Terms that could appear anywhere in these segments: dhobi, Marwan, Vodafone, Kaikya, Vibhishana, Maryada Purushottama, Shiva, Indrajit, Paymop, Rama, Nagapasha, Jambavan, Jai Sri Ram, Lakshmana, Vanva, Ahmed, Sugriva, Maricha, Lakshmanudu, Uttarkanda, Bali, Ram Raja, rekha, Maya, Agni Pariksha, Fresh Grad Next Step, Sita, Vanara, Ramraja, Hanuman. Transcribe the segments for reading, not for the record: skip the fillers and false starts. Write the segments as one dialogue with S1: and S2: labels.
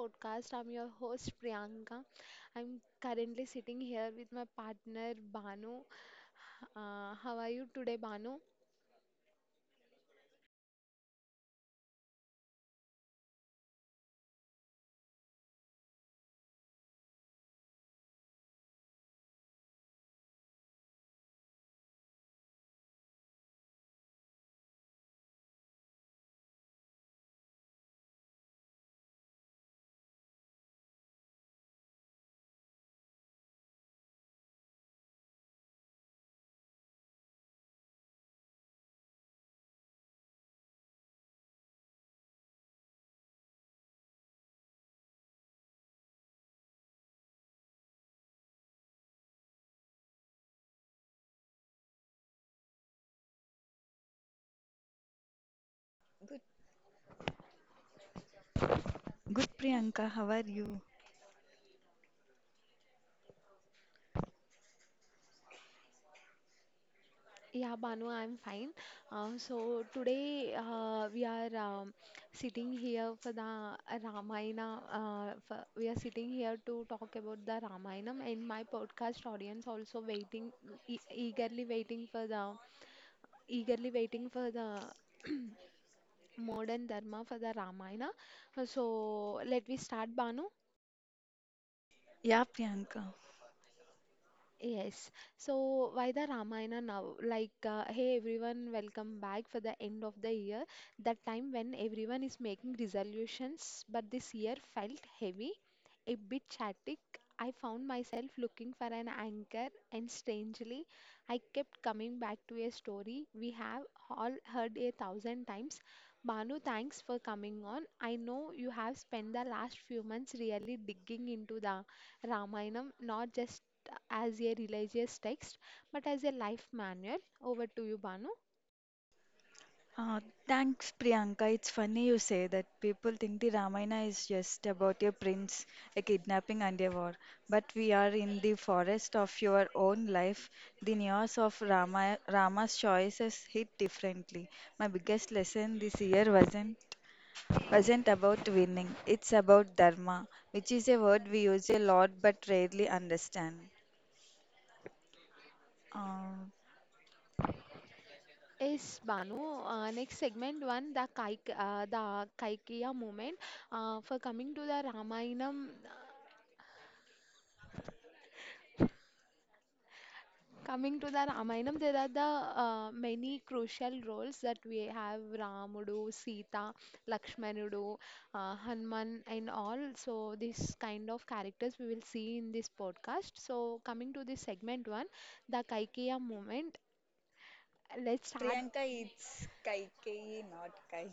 S1: podcast. I'm your host Priyanka. I'm currently sitting here with my partner Banu. How are you today, Banu?
S2: Good, good Priyanka, how are you?
S1: Yeah, Banu, I'm fine. So today we are sitting here for the Ramayana. We are sitting here to talk about the Ramayana, and my podcast audience also waiting, e eagerly waiting for the eagerly waiting for the modern dharma for the Ramayana. So let me start, Banu.
S2: Yeah, Priyanka.
S1: Yes. So why the Ramayana now? Like, hey everyone, welcome back for the end of the year. That time when everyone is making resolutions, but this year felt heavy, a bit chaotic. I found myself looking for an anchor, and strangely, I kept coming back to a story we have all heard a thousand times. Banu, thanks for coming on. I know you have spent the last few months really digging into the Ramayana, not just as a religious text but as a life manual. Over to you, Banu.
S2: Uh, Thanks, Priyanka. It's funny you say that people think the Ramayana is just about a prince, a kidnapping, and a war. But we are in the forest of your own life. The news of Rama's choices hit differently. My biggest lesson this year wasn't about winning. It's about dharma, which is a word we use a lot but rarely understand. Uh,
S1: Yes, Banu. Next segment one, the Kaikya movement. For coming to the Ramayanam, there are the many crucial roles that we have: Ramudu, Sita, Lakshmanudu, Hanuman, and all. So this kind of characters we will see in this podcast. So coming to this segment one, the Kaikya movement. Let's start.
S2: Priyanka, it's Kaikei, not Kai.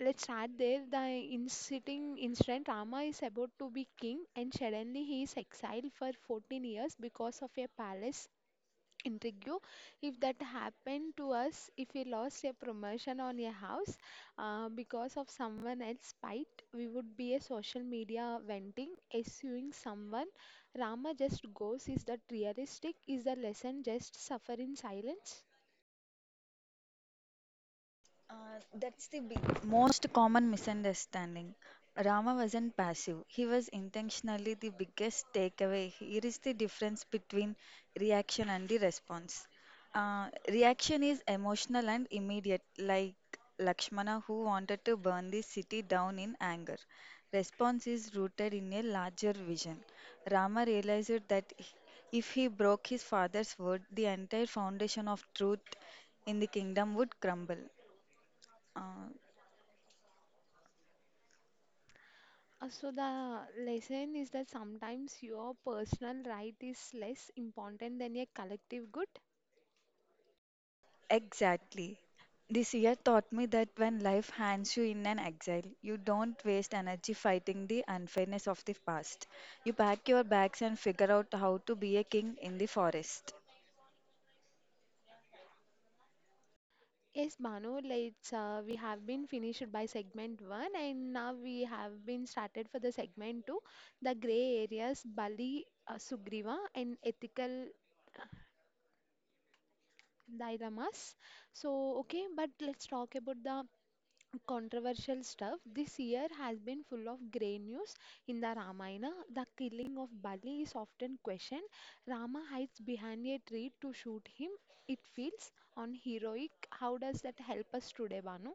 S1: Let's start there. The inciting incident Rama is about to be king, and suddenly he is exiled for 14 years because of a palace intrigue. If that happened to us, if we lost a promotion on a house because of someone else's spite, we would be a social media venting, suing someone. Rama just goes. Is that realistic? Is the lesson just suffer in silence?
S2: That's the big, most common misunderstanding. Rama wasn't passive, he was intentionally the biggest takeaway. Here is the difference between reaction and the response. Reaction is emotional and immediate, like Lakshmana, who wanted to burn the city down in anger. Response is rooted in a larger vision. Rama realized that if he broke his father's word, the entire foundation of truth in the kingdom would crumble. Uh,
S1: So the lesson is that sometimes your personal right is less important than a collective good.
S2: exactly. This year taught me that when life hands you in an exile, you don't waste energy fighting the unfairness of the past. You pack your bags and figure out how to be a king in the forest.
S1: Yes, Banu, let's we have been finished by segment one, and now we have been started for the segment two, the gray areas, Bali, Sugriva, and ethical dilemmas. So okay, but let's talk about the controversial stuff. This year has been full of grey news. In the Ramayana, the killing of Bali is often questioned. Rama hides behind a tree to shoot him. It feels unheroic. How does that help us today, Banu?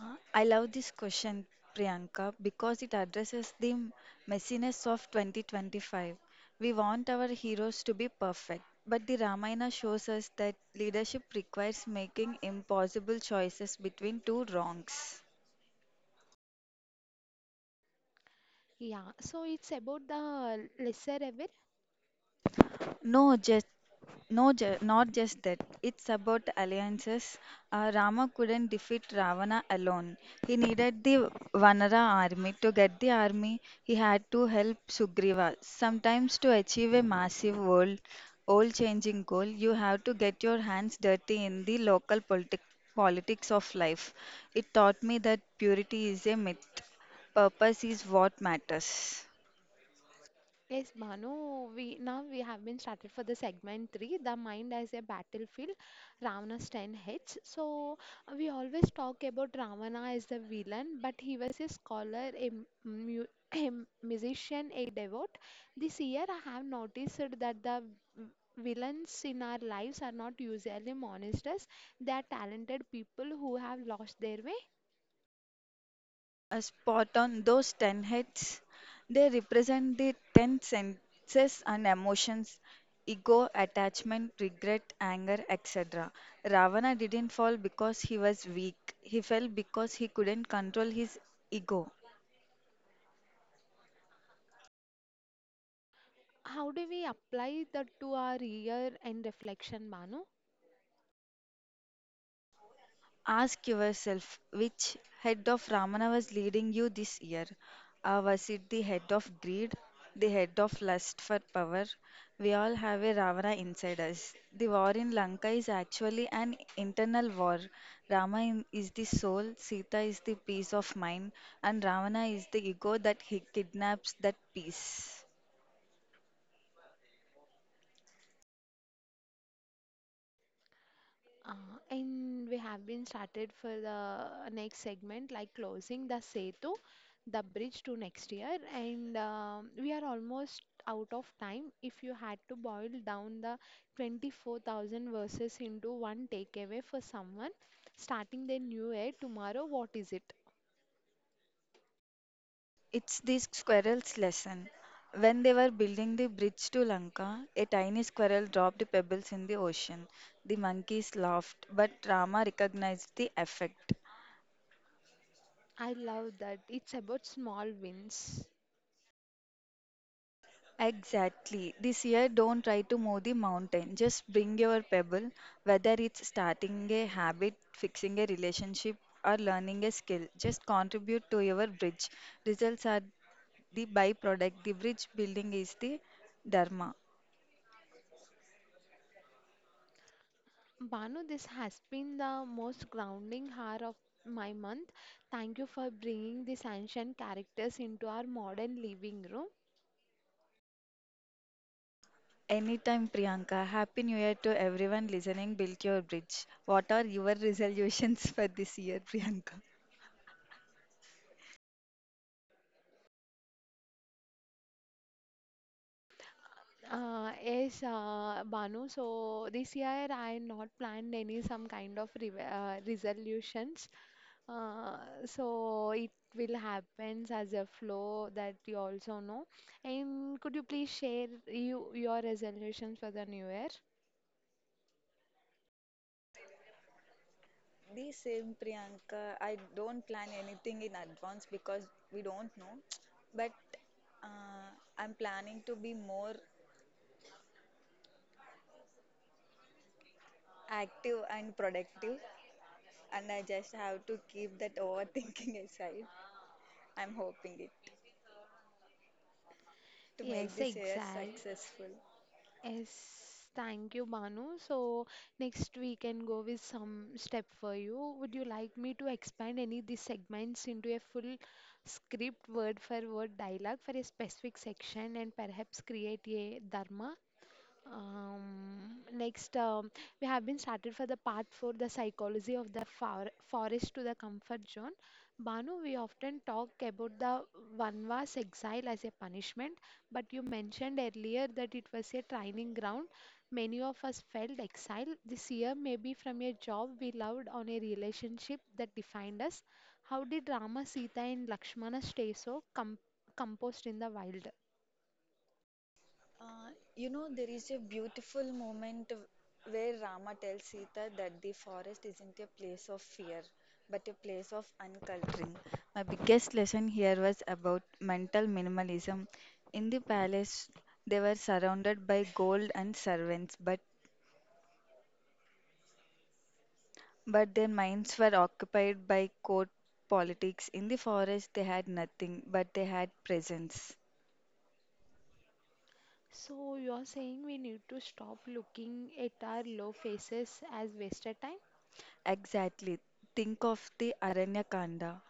S2: I love this question, Priyanka, because it addresses the messiness of 2025. We want our heroes to be perfect, but the Ramayana shows us that leadership requires making impossible choices between two wrongs.
S1: Yeah, so it's about the lesser evil.
S2: No, just no, not just that. It's about alliances. Rama couldn't defeat Ravana alone. He needed the Vanara army. To get the army, he had to help Sugriva. Sometimes, to achieve a massive world, all changing goal, you have to get your hands dirty in the local politics of life. It taught me that purity is a myth, purpose is what matters.
S1: Yes, Bhanu, we now we have been started for the segment three, the mind as a battlefield, Ravana's 10H. So we always talk about Ravana as the villain, but he was a scholar, a, mu a musician, a devote. This year I have noticed that the v- villains in our lives are not usually monsters. They are talented people who have lost their way.
S2: A spot on those 10 heads. They represent the 10 senses and emotions ego, attachment, regret, anger, etc. Ravana didn't fall because he was weak, he fell because he couldn't control his ego.
S1: How do we apply that to our year and reflection, Bhanu?
S2: Ask yourself which head of Ramana was leading you this year. Was it the head of greed, the head of lust for power? We all have a Ravana inside us. The war in Lanka is actually an internal war. Rama is the soul, Sita is the peace of mind, and Ravana is the ego that he kidnaps that peace.
S1: Uh, and we have been started for the next segment, like closing the Setu, the bridge to next year. And we are almost out of time. If you had to boil down the 24,000 verses into one takeaway for someone starting their new year tomorrow, what is it?
S2: It's the squirrel's lesson. When they were building the bridge to Lanka, a tiny squirrel dropped pebbles in the ocean. The monkeys laughed, but Rama recognized the effect.
S1: I love that. It's about small wins.
S2: Exactly. This year, don't try to move the mountain. Just bring your pebble, whether it's starting a habit, fixing a relationship, or learning a skill. Just contribute to your bridge. Results are the byproduct. The bridge building is the dharma.
S1: Banu, this has been the most grounding hour of my month. Thank you for bringing these ancient characters into our modern living room.
S2: Anytime, Priyanka. Happy New Year to everyone listening. Build your bridge. What are your resolutions for this year, Priyanka?
S1: Yes, Banu, so this year I not planned any some kind of re resolutions. Uh, so it will happens as a flow that you also know. And could you please share your resolutions for the new year?
S2: The same Priyanka. I don't plan anything in advance because we don't know. But uh, I'm planning to be more active and productive, and I just have to keep that overthinking aside. I'm hoping it to make
S1: Yes,
S2: this year
S1: exact.
S2: successful.
S1: Yes, thank you, Banu. So next we can go with some step for you. Would you like me to expand any of these segments into a full script, word for word dialogue for a specific section and perhaps create a dharma next, we have been started for the part for the psychology of the forest to the comfort zone. Banu, we often talk about the Vanva's exile as a punishment, but you mentioned earlier that it was a training ground. Many of us felt exile this year, maybe from a job we loved on a relationship that defined us. How did Rama, Sita, and Lakshmana stay so composed in the wild?
S2: Uh, you know, there is a beautiful moment where Rama tells Sita that the forest isn't a place of fear, but a place of unculturing. My biggest lesson here was about mental minimalism. In the palace, they were surrounded by gold and servants, but their minds were occupied by court politics. In the forest, they had nothing, but they had presence.
S1: So you're saying we need to stop looking at our low faces as wasted time?
S2: Exactly. Think of the Aranyakanda.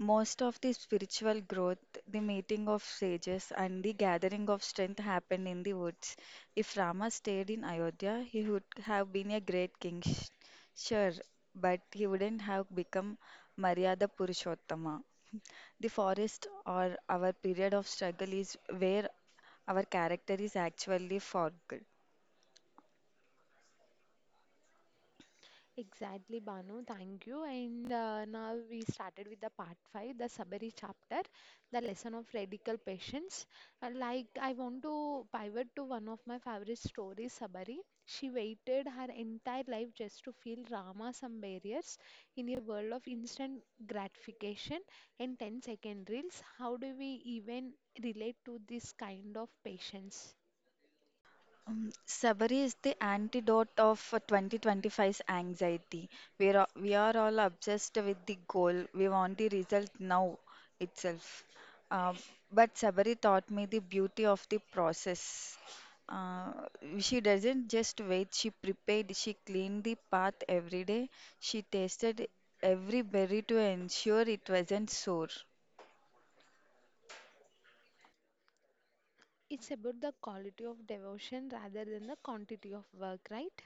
S2: Most of the spiritual growth, the meeting of sages, and the gathering of strength happened in the woods. If Rama stayed in Ayodhya, he would have been a great king, sure, but he wouldn't have become Maryada Purushottama. The forest or our period of struggle is where our character is actually forged.
S1: Exactly, Banu. Thank you. And now we started with the part 5, the Sabari chapter, the lesson of radical patience. Like, I want to pivot to one of my favorite stories, Sabari. She waited her entire life just to feel Rama some barriers in a world of instant gratification and ten-second reels. How do we even relate to this kind of patience?
S2: Sabari is the antidote of 2025's anxiety. We are all obsessed with the goal. We want the result now itself. Uh, but Sabari taught me the beauty of the process. Uh, she doesn't just wait, she prepared, she cleaned the path every day, she tasted every berry to ensure it wasn't sore.
S1: It's about the quality of devotion rather than the quantity of work, right?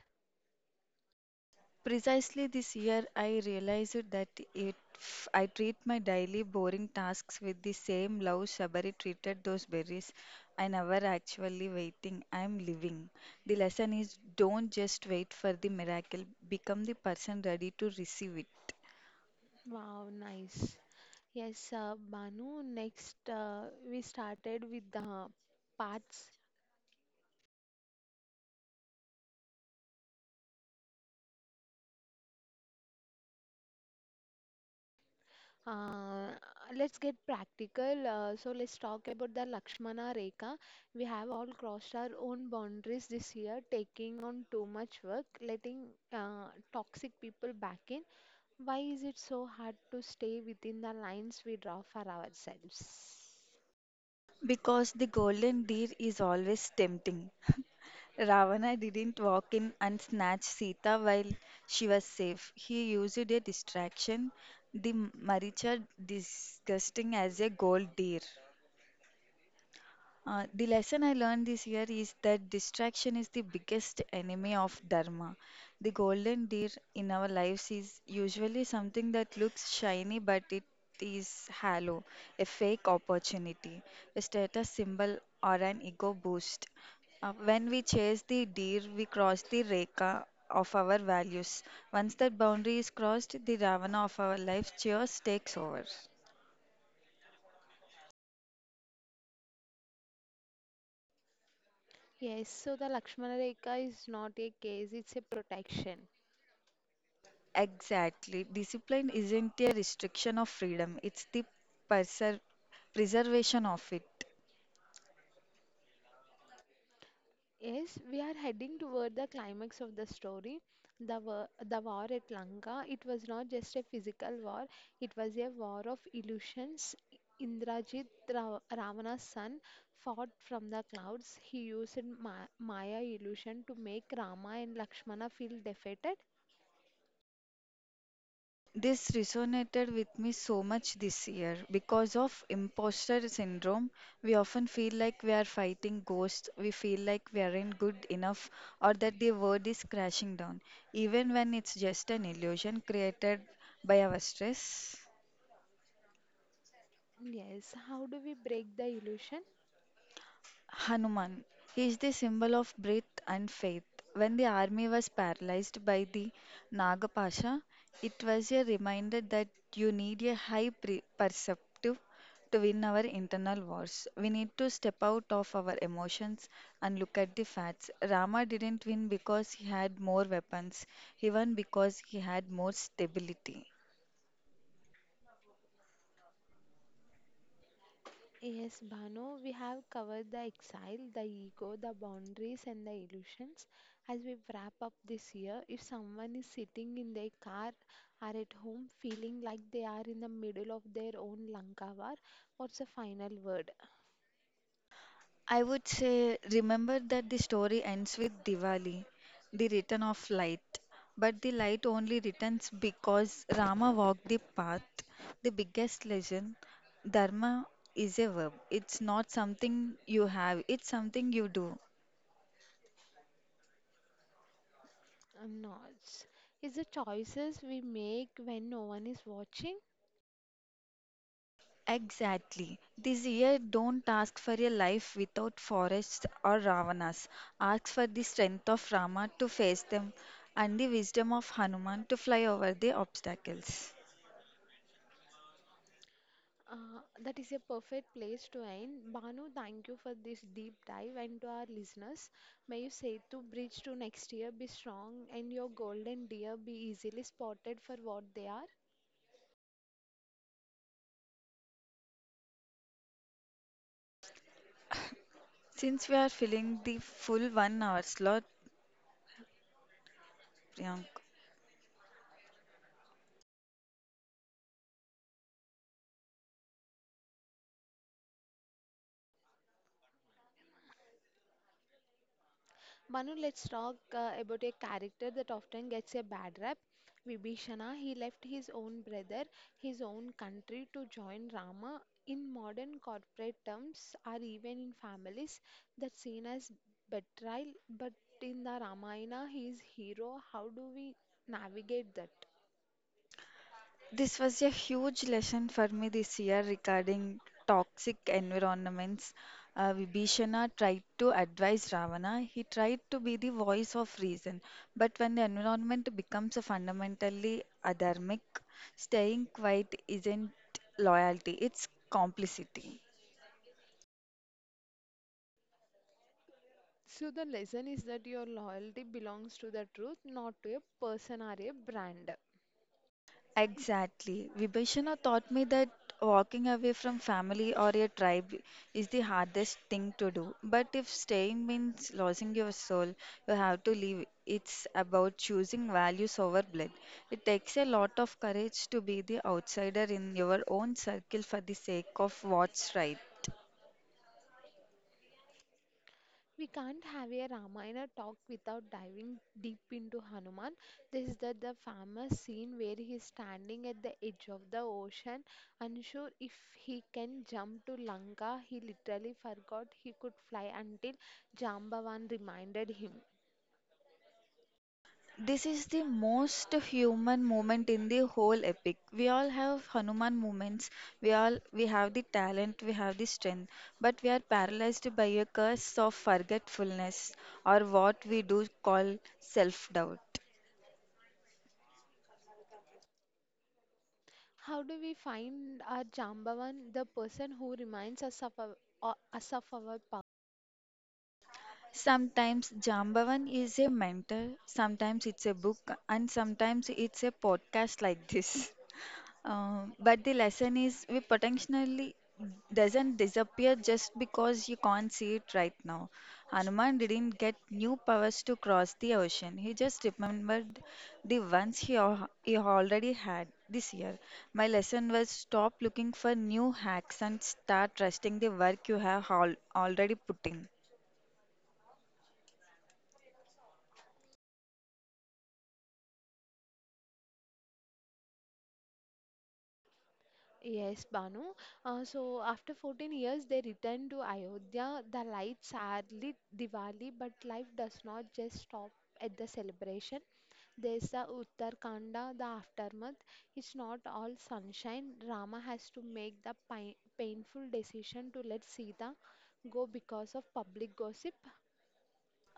S2: Precisely this year, I realized that if I treat my daily boring tasks with the same love Shabari treated those berries, I never actually waiting, I am living. The lesson is don't just wait for the miracle, become the person ready to receive it.
S1: Wow, nice. Yes, Banu, next we started with the parts. Uh, let's get practical. So let's talk about the Lakshmana Rekha. We have all crossed our own boundaries this year, taking on too much work, letting toxic people back in. Why is it so hard to stay within the lines we draw for ourselves?
S2: Because the golden deer is always tempting. Ravana didn't walk in and snatch Sita while she was safe. He used a distraction, the Maricha disgusting as a gold deer. The lesson I learned this year is that distraction is the biggest enemy of dharma. The golden deer in our lives is usually something that looks shiny, but it is hollow, a fake opportunity, a status symbol, or an ego boost. When we chase the deer, we cross the rekha of our values. Once that boundary is crossed, the ravana of our life just takes over.
S1: Yes, so the Lakshmana Rekha is not a case, it's a protection.
S2: Exactly. Discipline isn't a restriction of freedom, it's the preser- preservation of it.
S1: Yes, we are heading toward the climax of the story. The war at Lanka, it was not just a physical war, it was a war of illusions. Indrajit Ravana's son fought from the clouds. He used ma Maya illusion to make Rama and Lakshmana feel defeated.
S2: This resonated with me so much this year. Because of imposter syndrome, we often feel like we are fighting ghosts, we feel like we aren't good enough, or that the world is crashing down, even when it's just an illusion created by our stress.
S1: Yes, how do we break the illusion?
S2: Hanuman is the symbol of breath and faith. When the army was paralyzed by the Nagapasha, it was a reminder that you need a high perceptive to win our internal wars. We need to step out of our emotions and look at the facts. Rama didn't win because he had more weapons, he won because he had more stability.
S1: Yes, Bhanu, we have covered the exile, the ego, the boundaries, and the illusions. As we wrap up this year, if someone is sitting in their car or at home feeling like they are in the middle of their own Lanka war, what's the final word?
S2: I would say remember that the story ends with Diwali, the return of light. But the light only returns because Rama walked the path. The biggest lesson Dharma is a verb, it's not something you have, it's something you do.
S1: No, it's the choices we make when no one is watching.
S2: Exactly. This year, don't ask for a life without forests or Ravanas. Ask for the strength of Rama to face them and the wisdom of Hanuman to fly over the obstacles.
S1: That is a perfect place to end. Banu, thank you for this deep dive and to our listeners. May you Setu bridge to next year be strong and your golden deer be easily spotted for what they are.
S2: Since we are filling the full 1 hour slot, Priyank,
S1: Manu, let's talk about a character that often gets a bad rap. Vibhishana, he left his own brother, his own country to join Rama. In modern corporate terms, or even in families, that's seen as betrayal. But in the Ramayana, he is hero. How do we navigate that?
S2: this was a huge lesson for me this year regarding toxic environments. Vibhishana tried to advise Ravana. He tried to be the voice of reason. But when the environment becomes fundamentally adharmic, staying quiet isn't loyalty, it's complicity.
S1: So the lesson is that your loyalty belongs to the truth, not to a person or a brand.
S2: Exactly. Vibhishana taught me that walking away from family or your tribe is the hardest thing to do. But if staying means losing your soul, you have to leave. It's about choosing values over blood. It takes a lot of courage to be the outsider in your own circle for the sake of what's right.
S1: We can't have a Ramayana talk without diving deep into Hanuman. This is the famous scene where he is standing at the edge of the ocean, unsure if he can jump to Lanka. He literally forgot he could fly until Jambavan reminded him.
S2: This is the most human moment in the whole epic. We all have Hanuman moments. We have the talent, we have the strength, but we are paralyzed by a curse of forgetfulness or what we do call self-doubt.
S1: How do we find our Jambavan, the person who reminds us of our
S2: Sometimes Jambavan is a mentor, sometimes it's a book, and sometimes it's a podcast like this. But the lesson is we potentially doesn't disappear just because you can't see it right now. Hanuman didn't get new powers to cross the ocean. He just remembered the ones he already had this year. My lesson was stop looking for new hacks and start trusting the work you have already put in.
S1: Yes, Banu. So after 14 years, they return to Ayodhya. The lights are lit Diwali, but life does not just stop at the celebration. There's the Uttarkanda, the aftermath. It's not all sunshine. Rama has to make the pi painful decision to let Sita go because of public gossip.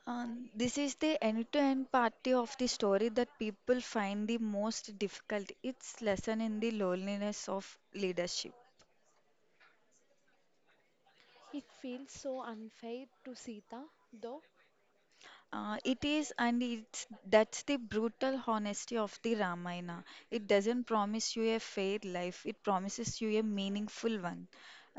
S2: This is the end-to-end party of the story that people find the most difficult. It's lesson in the loneliness of leadership.
S1: It feels so unfair to Sita, though.
S2: It is, and it's that's the brutal honesty of the Ramayana. It doesn't promise you a fair life, it promises you a meaningful one.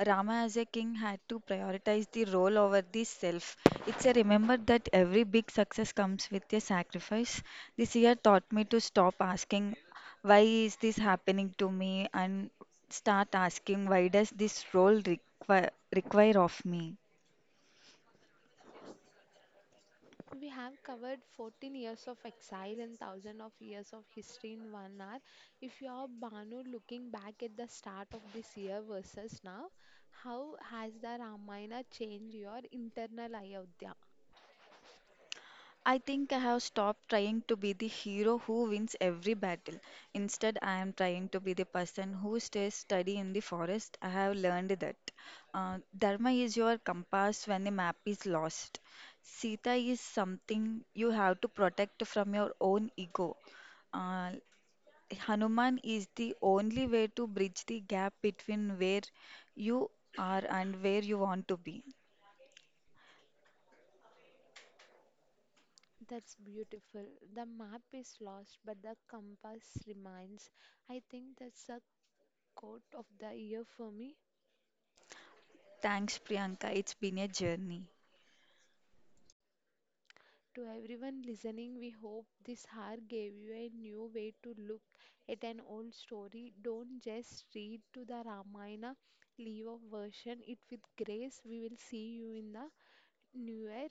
S2: Rama, as a king, had to prioritize the role over the self. It's a remember that every big success comes with a sacrifice. This year taught me to stop asking, Why is this happening to me? And start asking, Why does this role require of me?
S1: We have covered 14 years of exile and thousands of years of history in 1 hour. If you are Banu looking back at the start of this year versus now, how has the Ramayana changed your internal Ayodhya?
S2: I think I have stopped trying to be the hero who wins every battle. Instead, I am trying to be the person who stays steady in the forest. I have learned that. Dharma is your compass when the map is lost. Sita is something you have to protect from your own ego. Uh, Hanuman is the only way to bridge the gap between where you are and where you want to be.
S1: That's beautiful. The map is lost, but the compass remains. I think that's a quote of the year for me.
S2: Thanks, Priyanka. It's been a journey.
S1: To everyone listening, we hope this hour gave you a new way to look at an old story. Don't just read to the Ramayana, leave a version it with grace. We will see you in the new year.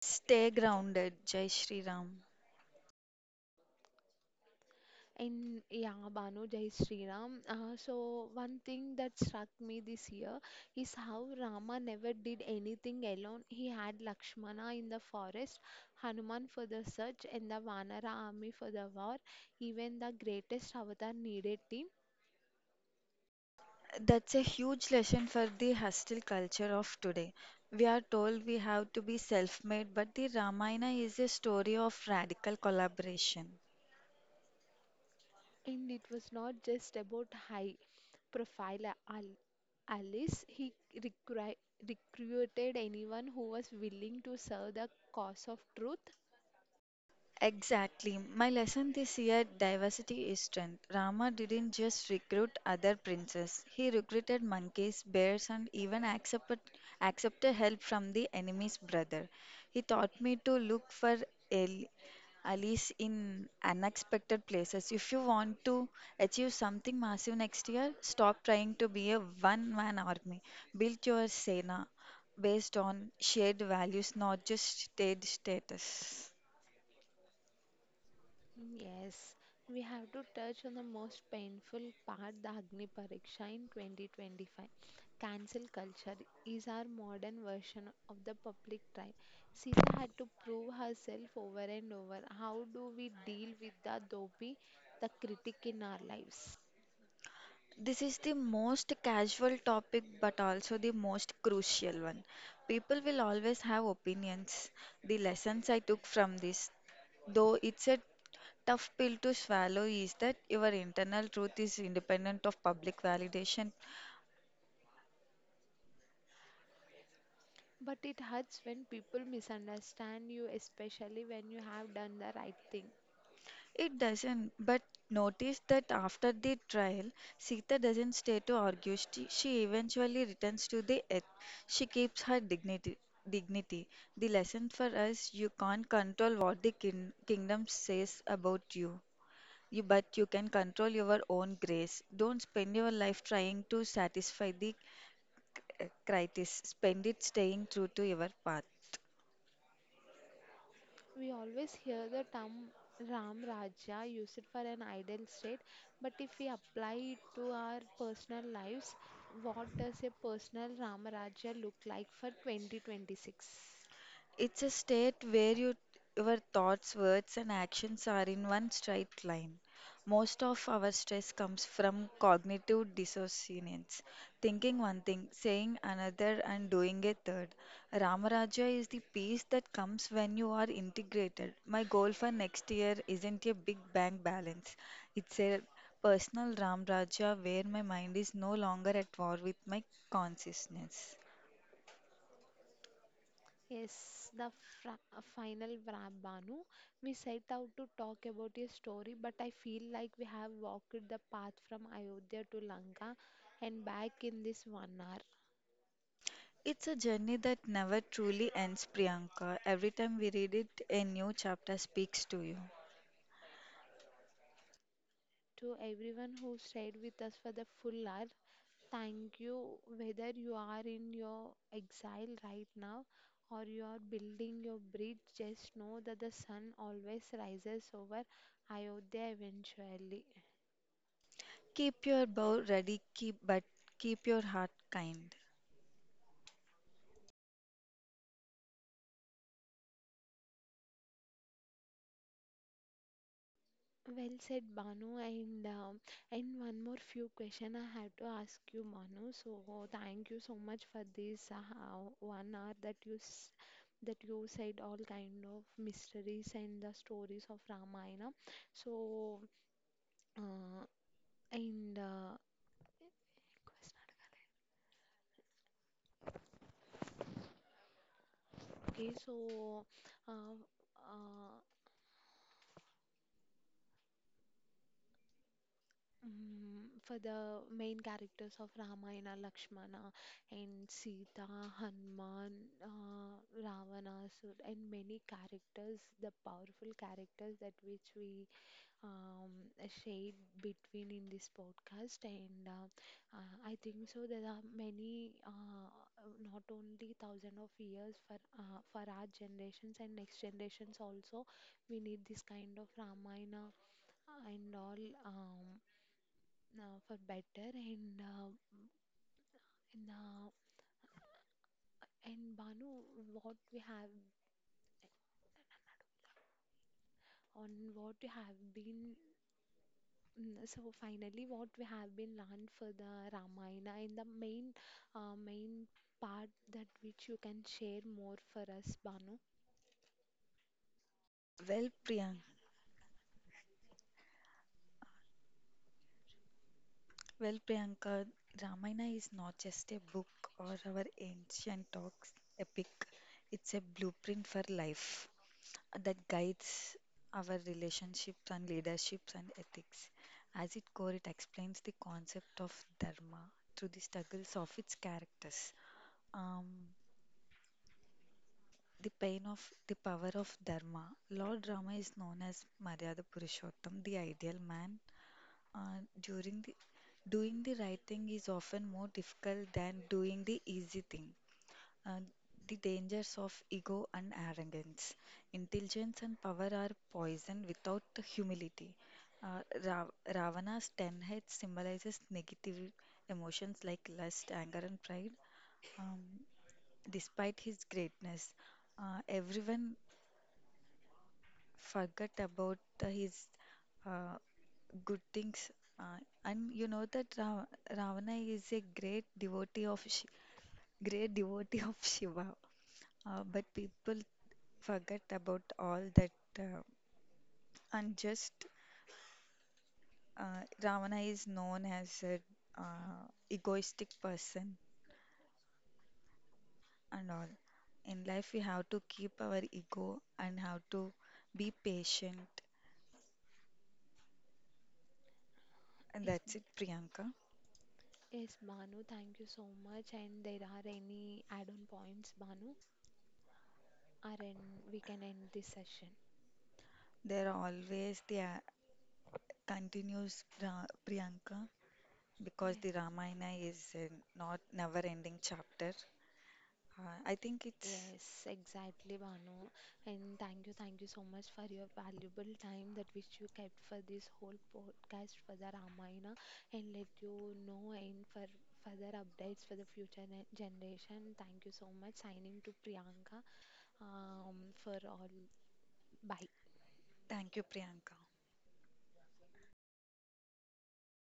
S2: Stay grounded, Jai Shri Ram.
S1: And yeah, Banu, Jai Sri Ram. So one thing that struck me this year is how Rama never did anything alone. He had Lakshmana in the forest, Hanuman for the search, and the Vanara army for the war. Even the greatest avatar needed him.
S2: That's a huge lesson for the hostile culture of today. We are told we have to be self made, but the Ramayana is a story of radical collaboration.
S1: And it was not just about high profile allies. He recruited anyone who was willing to serve the cause of truth.
S2: Exactly. My lesson this year diversity is strength. Rama didn't just recruit other princes, he recruited monkeys, bears, and even accepted help from the enemy's brother. He taught me to look for al- allies in unexpected places. If you want to achieve something massive next year, stop trying to be a one man army. Build your Sena based on shared values, not just state status.
S1: Yes, we have to touch on the most painful part, the Agni Pariksha in 2025. Cancel culture is our modern version of the public trial. Sita had to prove herself over and over. How do we deal with the dhobi, the critic in our lives?
S2: This is the most casual topic, but also the most crucial one. People will always have opinions. The lessons I took from this, though it's a tough pill to swallow, is that your internal truth is independent of public validation.
S1: But it hurts when people misunderstand you, especially when you have done the right thing.
S2: It doesn't, but notice that after the trial, Sita doesn't stay to argue. She eventually returns to the earth. She keeps her dignity. Dignity. The lesson for us: you can't control what the kingdom says about you. But you can control your own grace. Don't spend your life trying to satisfy the critics. Spend it staying true to your path.
S1: We always hear the term Ram Raja used for an ideal state, but if we apply it to our personal lives, what does a personal Ram Raja look like for 2026?
S2: It's a state where you, your thoughts, words, and actions are in one straight line. Most of our stress comes from cognitive dissonance, thinking one thing, saying another, and doing a third. Ramaraja is the peace that comes when you are integrated. My goal for next year isn't a big bank balance, it's a personal Ramraja where my mind is no longer at war with my consciousness.
S1: Yes, the fra- final wrap, Banu. We set out to talk about a story, but I feel like we have walked the path from Ayodhya to Lanka and back in this 1 hour.
S2: It's a journey that never truly ends, Priyanka. Every time we read it, a new chapter speaks to you.
S1: To everyone who stayed with us for the full hour, thank you. Whether you are in your exile right now or you are building your bridge, just know that the sun always rises over Ayodhya eventually.
S2: Keep your bow ready, keep but keep your heart kind.
S1: Well said, Banu. And one more few question I have to ask you, Banu. So thank you so much for this 1 hour that you that you said all kind of mysteries and the stories of Ramayana. So uh, and okay, so uh, uh, for the main characters of Ramayana, Lakshmana, and Sita, Hanuman, Ravana, Asur, and many characters, the powerful characters that which we a shade between in this podcast and I think so there are many not only thousand of years for our generations and next generations also we need this kind of ramayana and all um, for better and and, uh, and banu what we have what you have been. So finally, what we have been learned for the Ramayana in the main part that which you can share more for us, Banu.
S2: Well, Priyanka, well, Priyanka, Ramayana is not just a book or our ancient talks epic. It's a blueprint for life that guides our relationships and leaderships and ethics. As its core, it explains the concept of dharma through the struggles of its characters. Um, the pain of the power of dharma. Lord Rama is known as Maryada Purushottam, the ideal man. During the Doing the right thing is often more difficult than doing the easy thing. Uh, the dangers of ego and arrogance. Intelligence and power are poison without humility. Uh, Ra- Ravana's 10 heads symbolizes negative emotions like lust, anger, and pride. Um, Despite his greatness, everyone forgot about the his uh, good things. Uh, and you know that Ravana is a great devotee of Shiva, but people forget about all that. Uh, and just Ravana is known as a uh, egoistic person and all. In life, we have to keep our ego and how to be patient. And
S1: Yes,
S2: that's it, Priyanka.
S1: yes, Banu, thank you so much. And there are any add-on points, Banu, or and we can end this session.
S2: There are always the continues Priyanka because
S1: Yeah.
S2: the Ramayana is a not never ending chapter. I think it's
S1: Yes, exactly, Banu. And thank you so much for your valuable time that which you kept for this whole podcast for the Ramayana and let you know and for further updates for the future generation. Thank you so much. Signing to Priyanka for all. Bye.
S2: thank you, Priyanka.